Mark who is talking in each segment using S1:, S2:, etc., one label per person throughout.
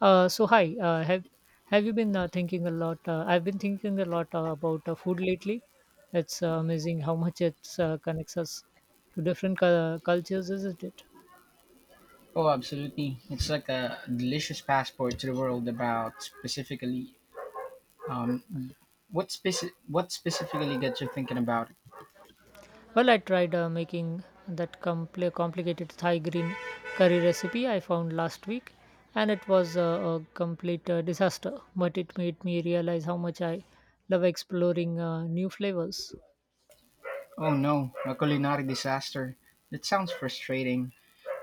S1: So hi, have you been thinking a lot? I've been thinking a lot about food lately. It's amazing how much it connects us to different cultures, isn't it?
S2: Oh, absolutely. It's like a delicious passport to the world about specifically um, what specifically gets you thinking about it.
S1: Well, I tried making that complicated Thai green curry recipe I found last week, and it was a complete disaster. But it made me realize how much I love exploring new flavors.
S2: Oh no, a culinary disaster. That sounds frustrating,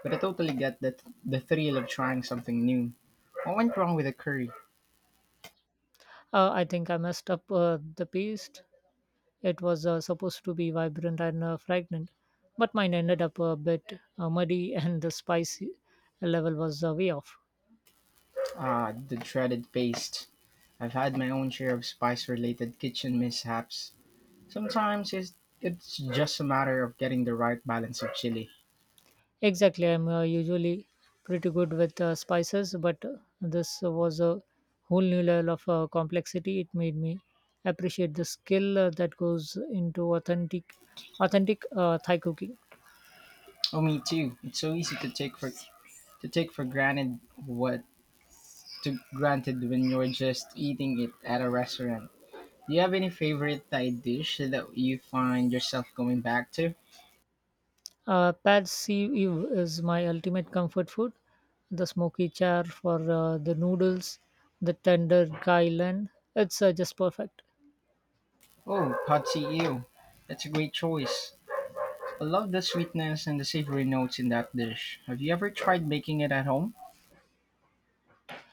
S2: but I totally get that the thrill of trying something new. What went wrong with the curry?
S1: I think I messed up the paste. It was supposed to be vibrant and fragrant, but mine ended up a bit muddy and the spice level was way off.
S2: Ah, the dreaded paste. I've had my own share of spice-related kitchen mishaps. Sometimes it's just a matter of getting the right balance of chili.
S1: Exactly, I'm usually pretty good with spices, but this was a whole new level of complexity. It made me appreciate the skill that goes into authentic Thai cooking.
S2: Oh, me too. It's so easy to take for granted what to granted when you're just eating it at a restaurant. Do you have any favorite Thai dish that you find yourself going back to?
S1: Pad See Ew is my ultimate comfort food. The smoky char for the noodles, the tender kailan. It's just perfect.
S2: Oh, pad see ew. That's a great choice. I love the sweetness and the savory notes in that dish. Have you ever tried making it at home?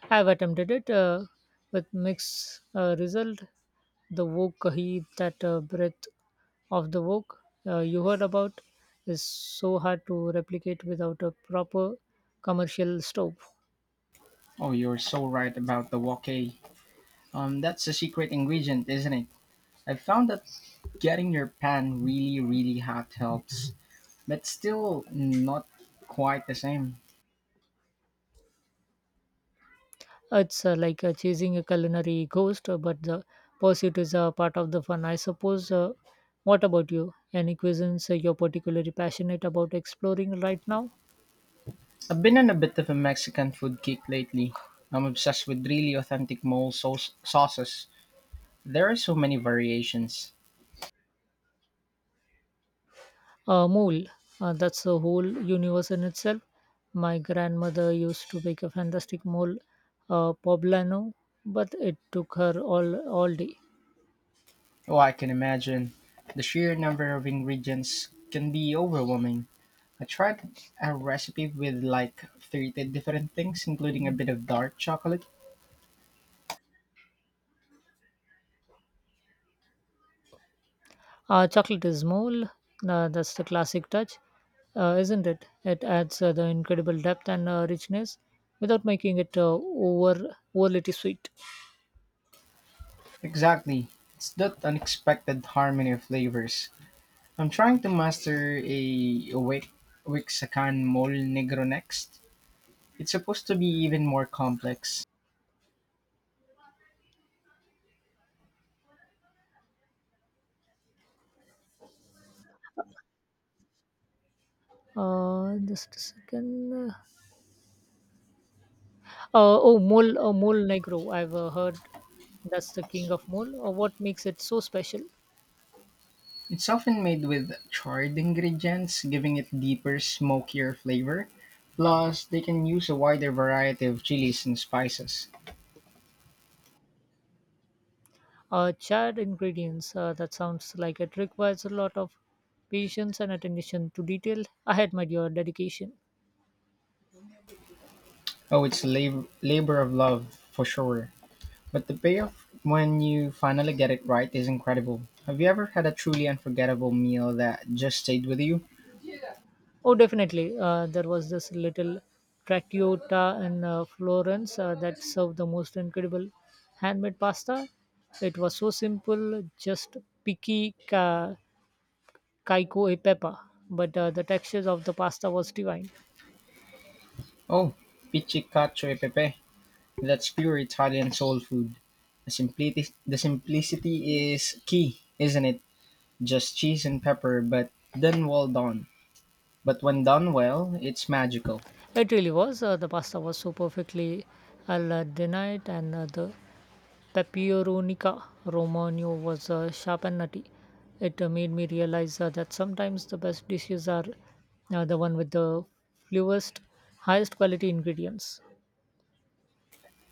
S1: I've attempted it with mixed result. The wok kahi, that breath of the wok you heard about, is so hard to replicate without a proper commercial stove.
S2: Oh, you're so right about the wok. That's a secret ingredient, isn't it? I've found that getting your pan really, really hot helps, but still not quite the same.
S1: It's like chasing a culinary ghost, but the pursuit is a part of the fun, I suppose. What about you? Any cuisines you're particularly passionate about exploring right now?
S2: I've been on a bit of a Mexican food kick lately. I'm obsessed with really authentic sauces. There are so many variations.
S1: Mole, that's a whole universe in itself. My grandmother used to make a fantastic mole, poblano, but it took her all day.
S2: Oh, I can imagine. The sheer number of ingredients can be overwhelming. I tried a recipe with like 30 different things, including a bit of dark chocolate.
S1: Chocolate is mole. That's the classic touch, isn't it? It adds the incredible depth and richness without making it overly sweet.
S2: Exactly. It's that unexpected harmony of flavors. I'm trying to master a Wixacan mole negro next. It's supposed to be even more complex.
S1: Just a second. Oh, mole, mole negro. I've heard that's the king of mole. What makes it so special?
S2: It's often made with charred ingredients, giving it deeper, smokier flavor. Plus, they can use a wider variety of chilies and spices.
S1: Charred ingredients. That sounds like it requires a lot of patience and attention to detail. I admire your dedication.
S2: Oh, it's a labor of love for sure. But the payoff when you finally get it right is incredible. Have you ever had a truly unforgettable meal that just stayed with you?
S1: Oh, definitely. There was this little trattoria in Florence that served the most incredible handmade pasta. It was so simple, just picky ca- caiko e pepe. But the textures of the pasta was divine.
S2: Oh, pizzicato e pepe. That's pure Italian soul food. The simplicity is key, isn't it? Just cheese and pepper, but then well done. But when done well, it's magical.
S1: It really was. The pasta was so perfectly al dente, and the Peuronica Romano was sharp and nutty. It made me realize that sometimes the best dishes are the one with the fewest, highest quality ingredients.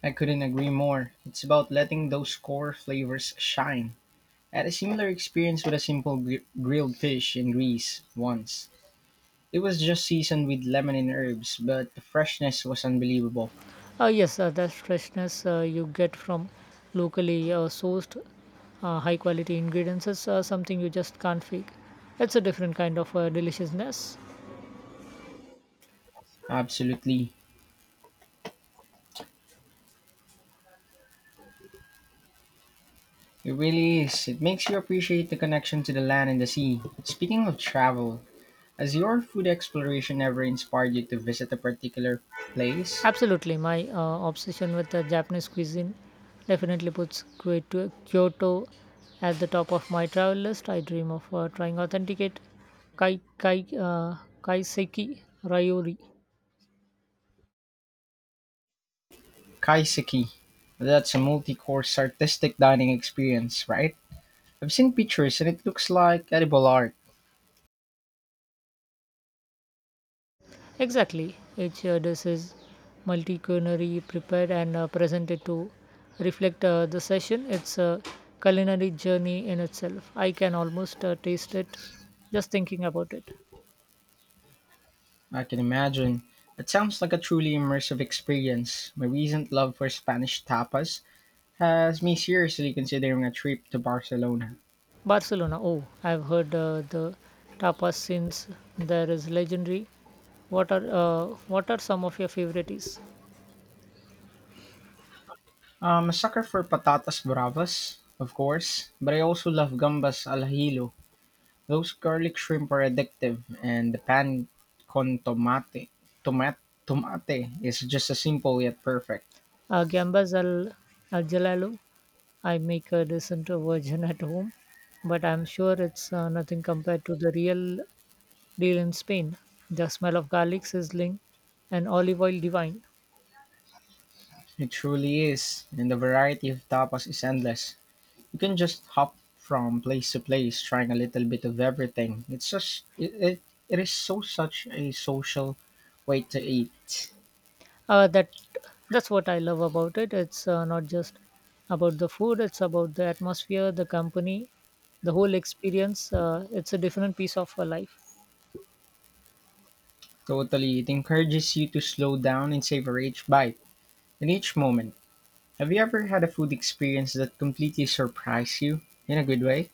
S2: I couldn't agree more. It's about letting those core flavors shine. I had a similar experience with a simple grilled fish in Greece once. It was just seasoned with lemon and herbs, but the freshness was unbelievable.
S1: Yes, that freshness you get from locally sourced high quality ingredients is something you just can't fake. It's a different kind of deliciousness.
S2: Absolutely. It really is. It makes you appreciate the connection to the land and the sea. Speaking of travel, has your food exploration ever inspired you to visit a particular place.
S1: Absolutely, my obsession with the Japanese cuisine definitely puts Kyoto at the top of my travel list. I dream of trying authenticate kaiseki ryori.
S2: Kaiseki. That's a multi-course artistic dining experience, right? I've seen pictures and it looks like edible art.
S1: Exactly, each dish is multi-culinary prepared and presented to reflect the session. It's a culinary journey in itself. I can almost taste it just thinking about it.
S2: I can imagine. It sounds like a truly immersive experience. My recent love for Spanish tapas has me seriously considering a trip to Barcelona.
S1: Barcelona. Oh, I've heard the tapas since there is legendary. What are some of your favorites?
S2: I'm a sucker for patatas bravas, of course, but I also love gambas al hilo. Those garlic shrimp are addictive, and the pan con tomate is just a simple yet perfect.
S1: Gambas al jalalo. I make a decent version at home, but I'm sure it's nothing compared to the real deal in Spain. The smell of garlic sizzling and olive oil divine.
S2: It truly is, and the variety of tapas is endless. You can just hop from place to place, trying a little bit of everything. It's just it, it, it is so such a social way to eat.
S1: uh, that that's what I love about it. It's not just about the food. It's about the atmosphere, the company, the whole experience. It's a different piece of life.
S2: Totally, it encourages you to slow down and savor each bite and each moment. Have you ever had a food experience that completely surprised you in a good way?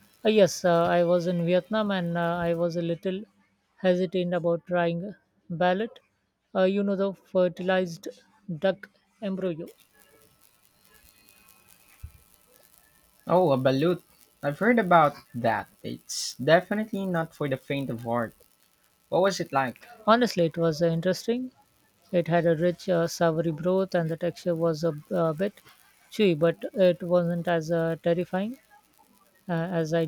S1: Yes, I was in Vietnam and I was a little hesitant about trying ballot, you know, the fertilized duck embryo.
S2: Oh, a balut. I've heard about that. It's definitely not for the faint of heart. What was it like?
S1: Honestly, it was interesting. It had a rich savory broth and the texture was a bit chewy, but it wasn't as terrifying uh, as I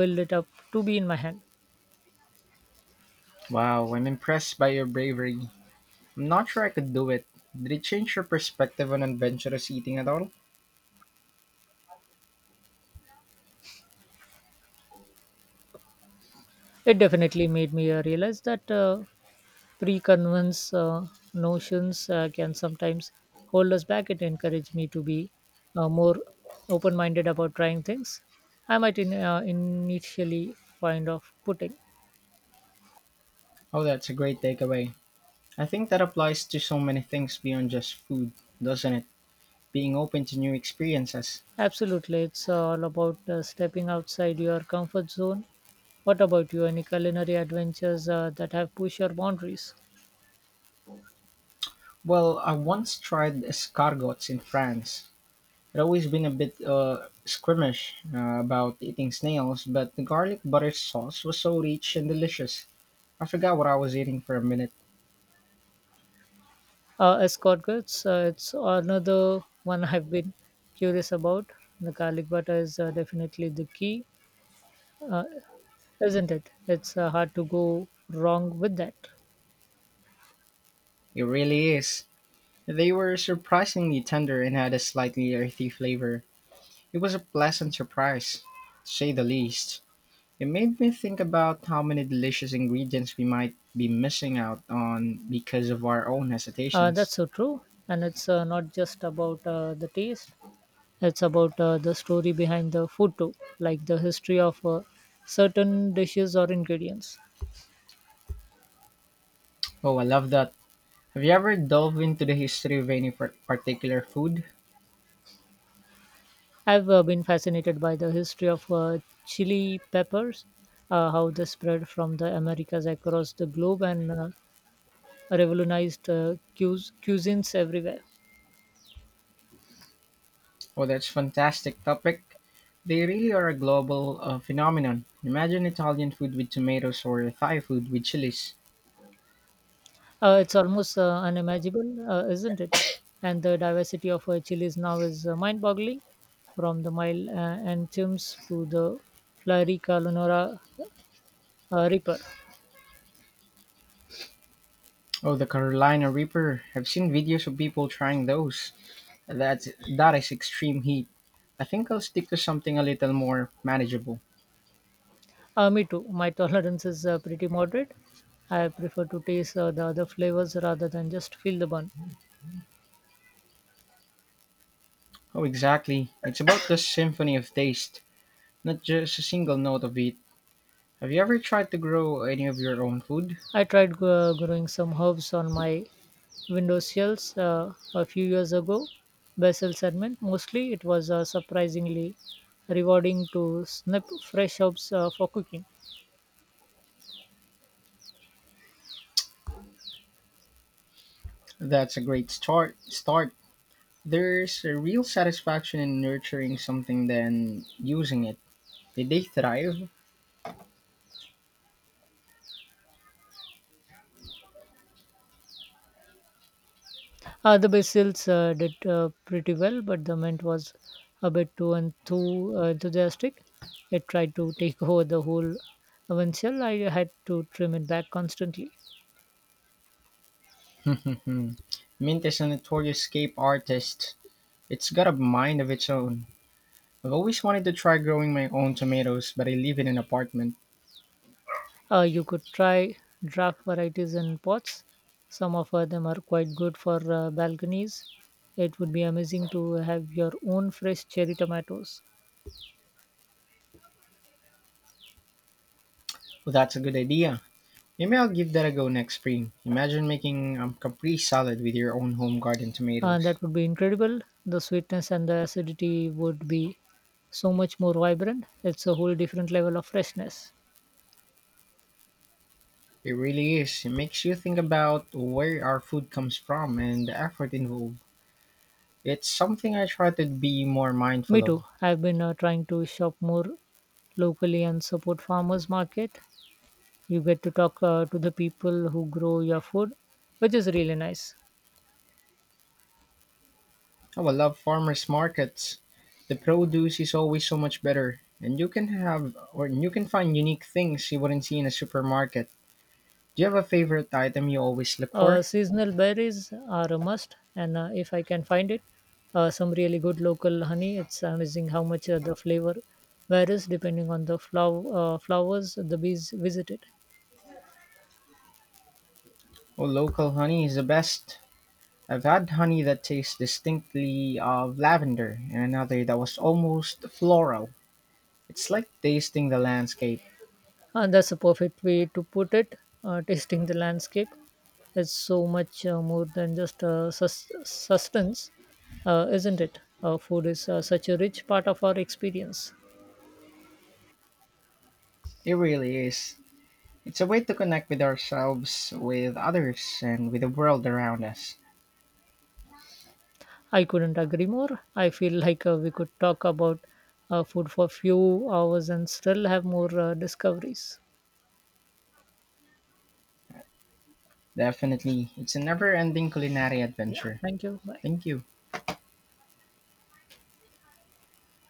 S1: build it up to be in my hand.
S2: Wow, I'm impressed by your bravery. I'm not sure I could do it. Did it change your perspective on adventurous eating at all?
S1: It definitely made me realize that pre-convince notions can sometimes hold us back. It encouraged me to be more open-minded about trying things I might initially find off putting.
S2: Oh, that's a great takeaway. I think that applies to so many things beyond just food, doesn't it? Being open to new experiences.
S1: Absolutely, it's all about stepping outside your comfort zone. What about you? Any culinary adventures that have pushed your boundaries?
S2: Well, I once tried escargots in France. I'd always been a bit squeamish about eating snails, but the garlic butter sauce was so rich and delicious. I forgot what I was eating for a minute.
S1: Escort goods, it's another one I've been curious about. The garlic butter is definitely the key, uh, isn't it? It's hard to go wrong with that.
S2: It really is. They were surprisingly tender and had a slightly earthy flavor. It was a pleasant surprise, to say the least. It made me think about how many delicious ingredients we might be missing out on because of our own hesitations.
S1: That's so true. And it's not just about the taste, it's about the story behind the food too, like the history of certain dishes or ingredients.
S2: Oh, I love that. Have you ever delved into the history of any particular food?
S1: I've been fascinated by the history of chili peppers, how they spread from the Americas across the globe, and revolutionized cuisines everywhere.
S2: Oh, that's fantastic topic. They really are a global phenomenon. Imagine Italian food with tomatoes or Thai food with chilies.
S1: It's almost unimaginable, isn't it? And the diversity of chilies now is mind-boggling, from the mild and to the flurry calonora reaper.
S2: Oh, the Carolina Reaper. I've seen videos of people trying those. That's that is extreme heat. I think I'll stick to something a little more manageable.
S1: Me too. My tolerance is pretty moderate. I prefer to taste the other flavors rather than just feel the bun.
S2: Oh, exactly. It's about the symphony of taste, not just a single note of it. Have you ever tried to grow any of your own food?
S1: I tried growing some herbs on my windowsills a few years ago, basil sediment mostly. It was surprisingly rewarding to snip fresh herbs for cooking.
S2: That's a great start. There's a real satisfaction in nurturing something than using it. Did they thrive?
S1: The basils did pretty well, but the mint was a bit too enthusiastic. It tried to take over the whole windshield. I had to trim it back constantly.
S2: Mint is a notorious escape artist. It's got a mind of its own. I've always wanted to try growing my own tomatoes, but I live in an apartment.
S1: You could try draft varieties in pots. Some of them are quite good for balconies. It would be amazing to have your own fresh cherry tomatoes.
S2: Well, that's a good idea. Maybe I'll give that a go next spring. Imagine making a Capri salad with your own home garden
S1: And
S2: tomatoes.
S1: that would be incredible. The sweetness and the acidity would be so much more vibrant. It's a whole different level of freshness.
S2: It really is. It makes you think about where our food comes from and the effort involved. It's something I try to be more
S1: Me
S2: mindful of.
S1: too. I've been trying to shop more locally and support farmers market. You get to talk to the people who grow your food, which is really nice.
S2: Oh, I love farmers markets. The produce is always so much better, and you can find unique things you wouldn't see in a supermarket. Do you have a favorite item you always look for?
S1: Seasonal berries are a must, and if I can find it, some really good local honey. It's amazing how much the flavor varies depending on the flowers the bees visited.
S2: Oh, local honey is the best. I've had honey that tastes distinctly of lavender and another that was almost floral. It's like tasting the landscape.
S1: And that's a perfect way to put it. Tasting the landscape is so much more than just sustenance, isn't it? Food is such a rich part of our experience.
S2: It really is. It's a way to connect with ourselves, with others, and with the world around us.
S1: I couldn't agree more. I feel like we could talk about food for few hours and still have more discoveries.
S2: Definitely, it's a never ending culinary
S1: Yeah,
S2: adventure.
S1: thank you. Bye.
S2: Thank you.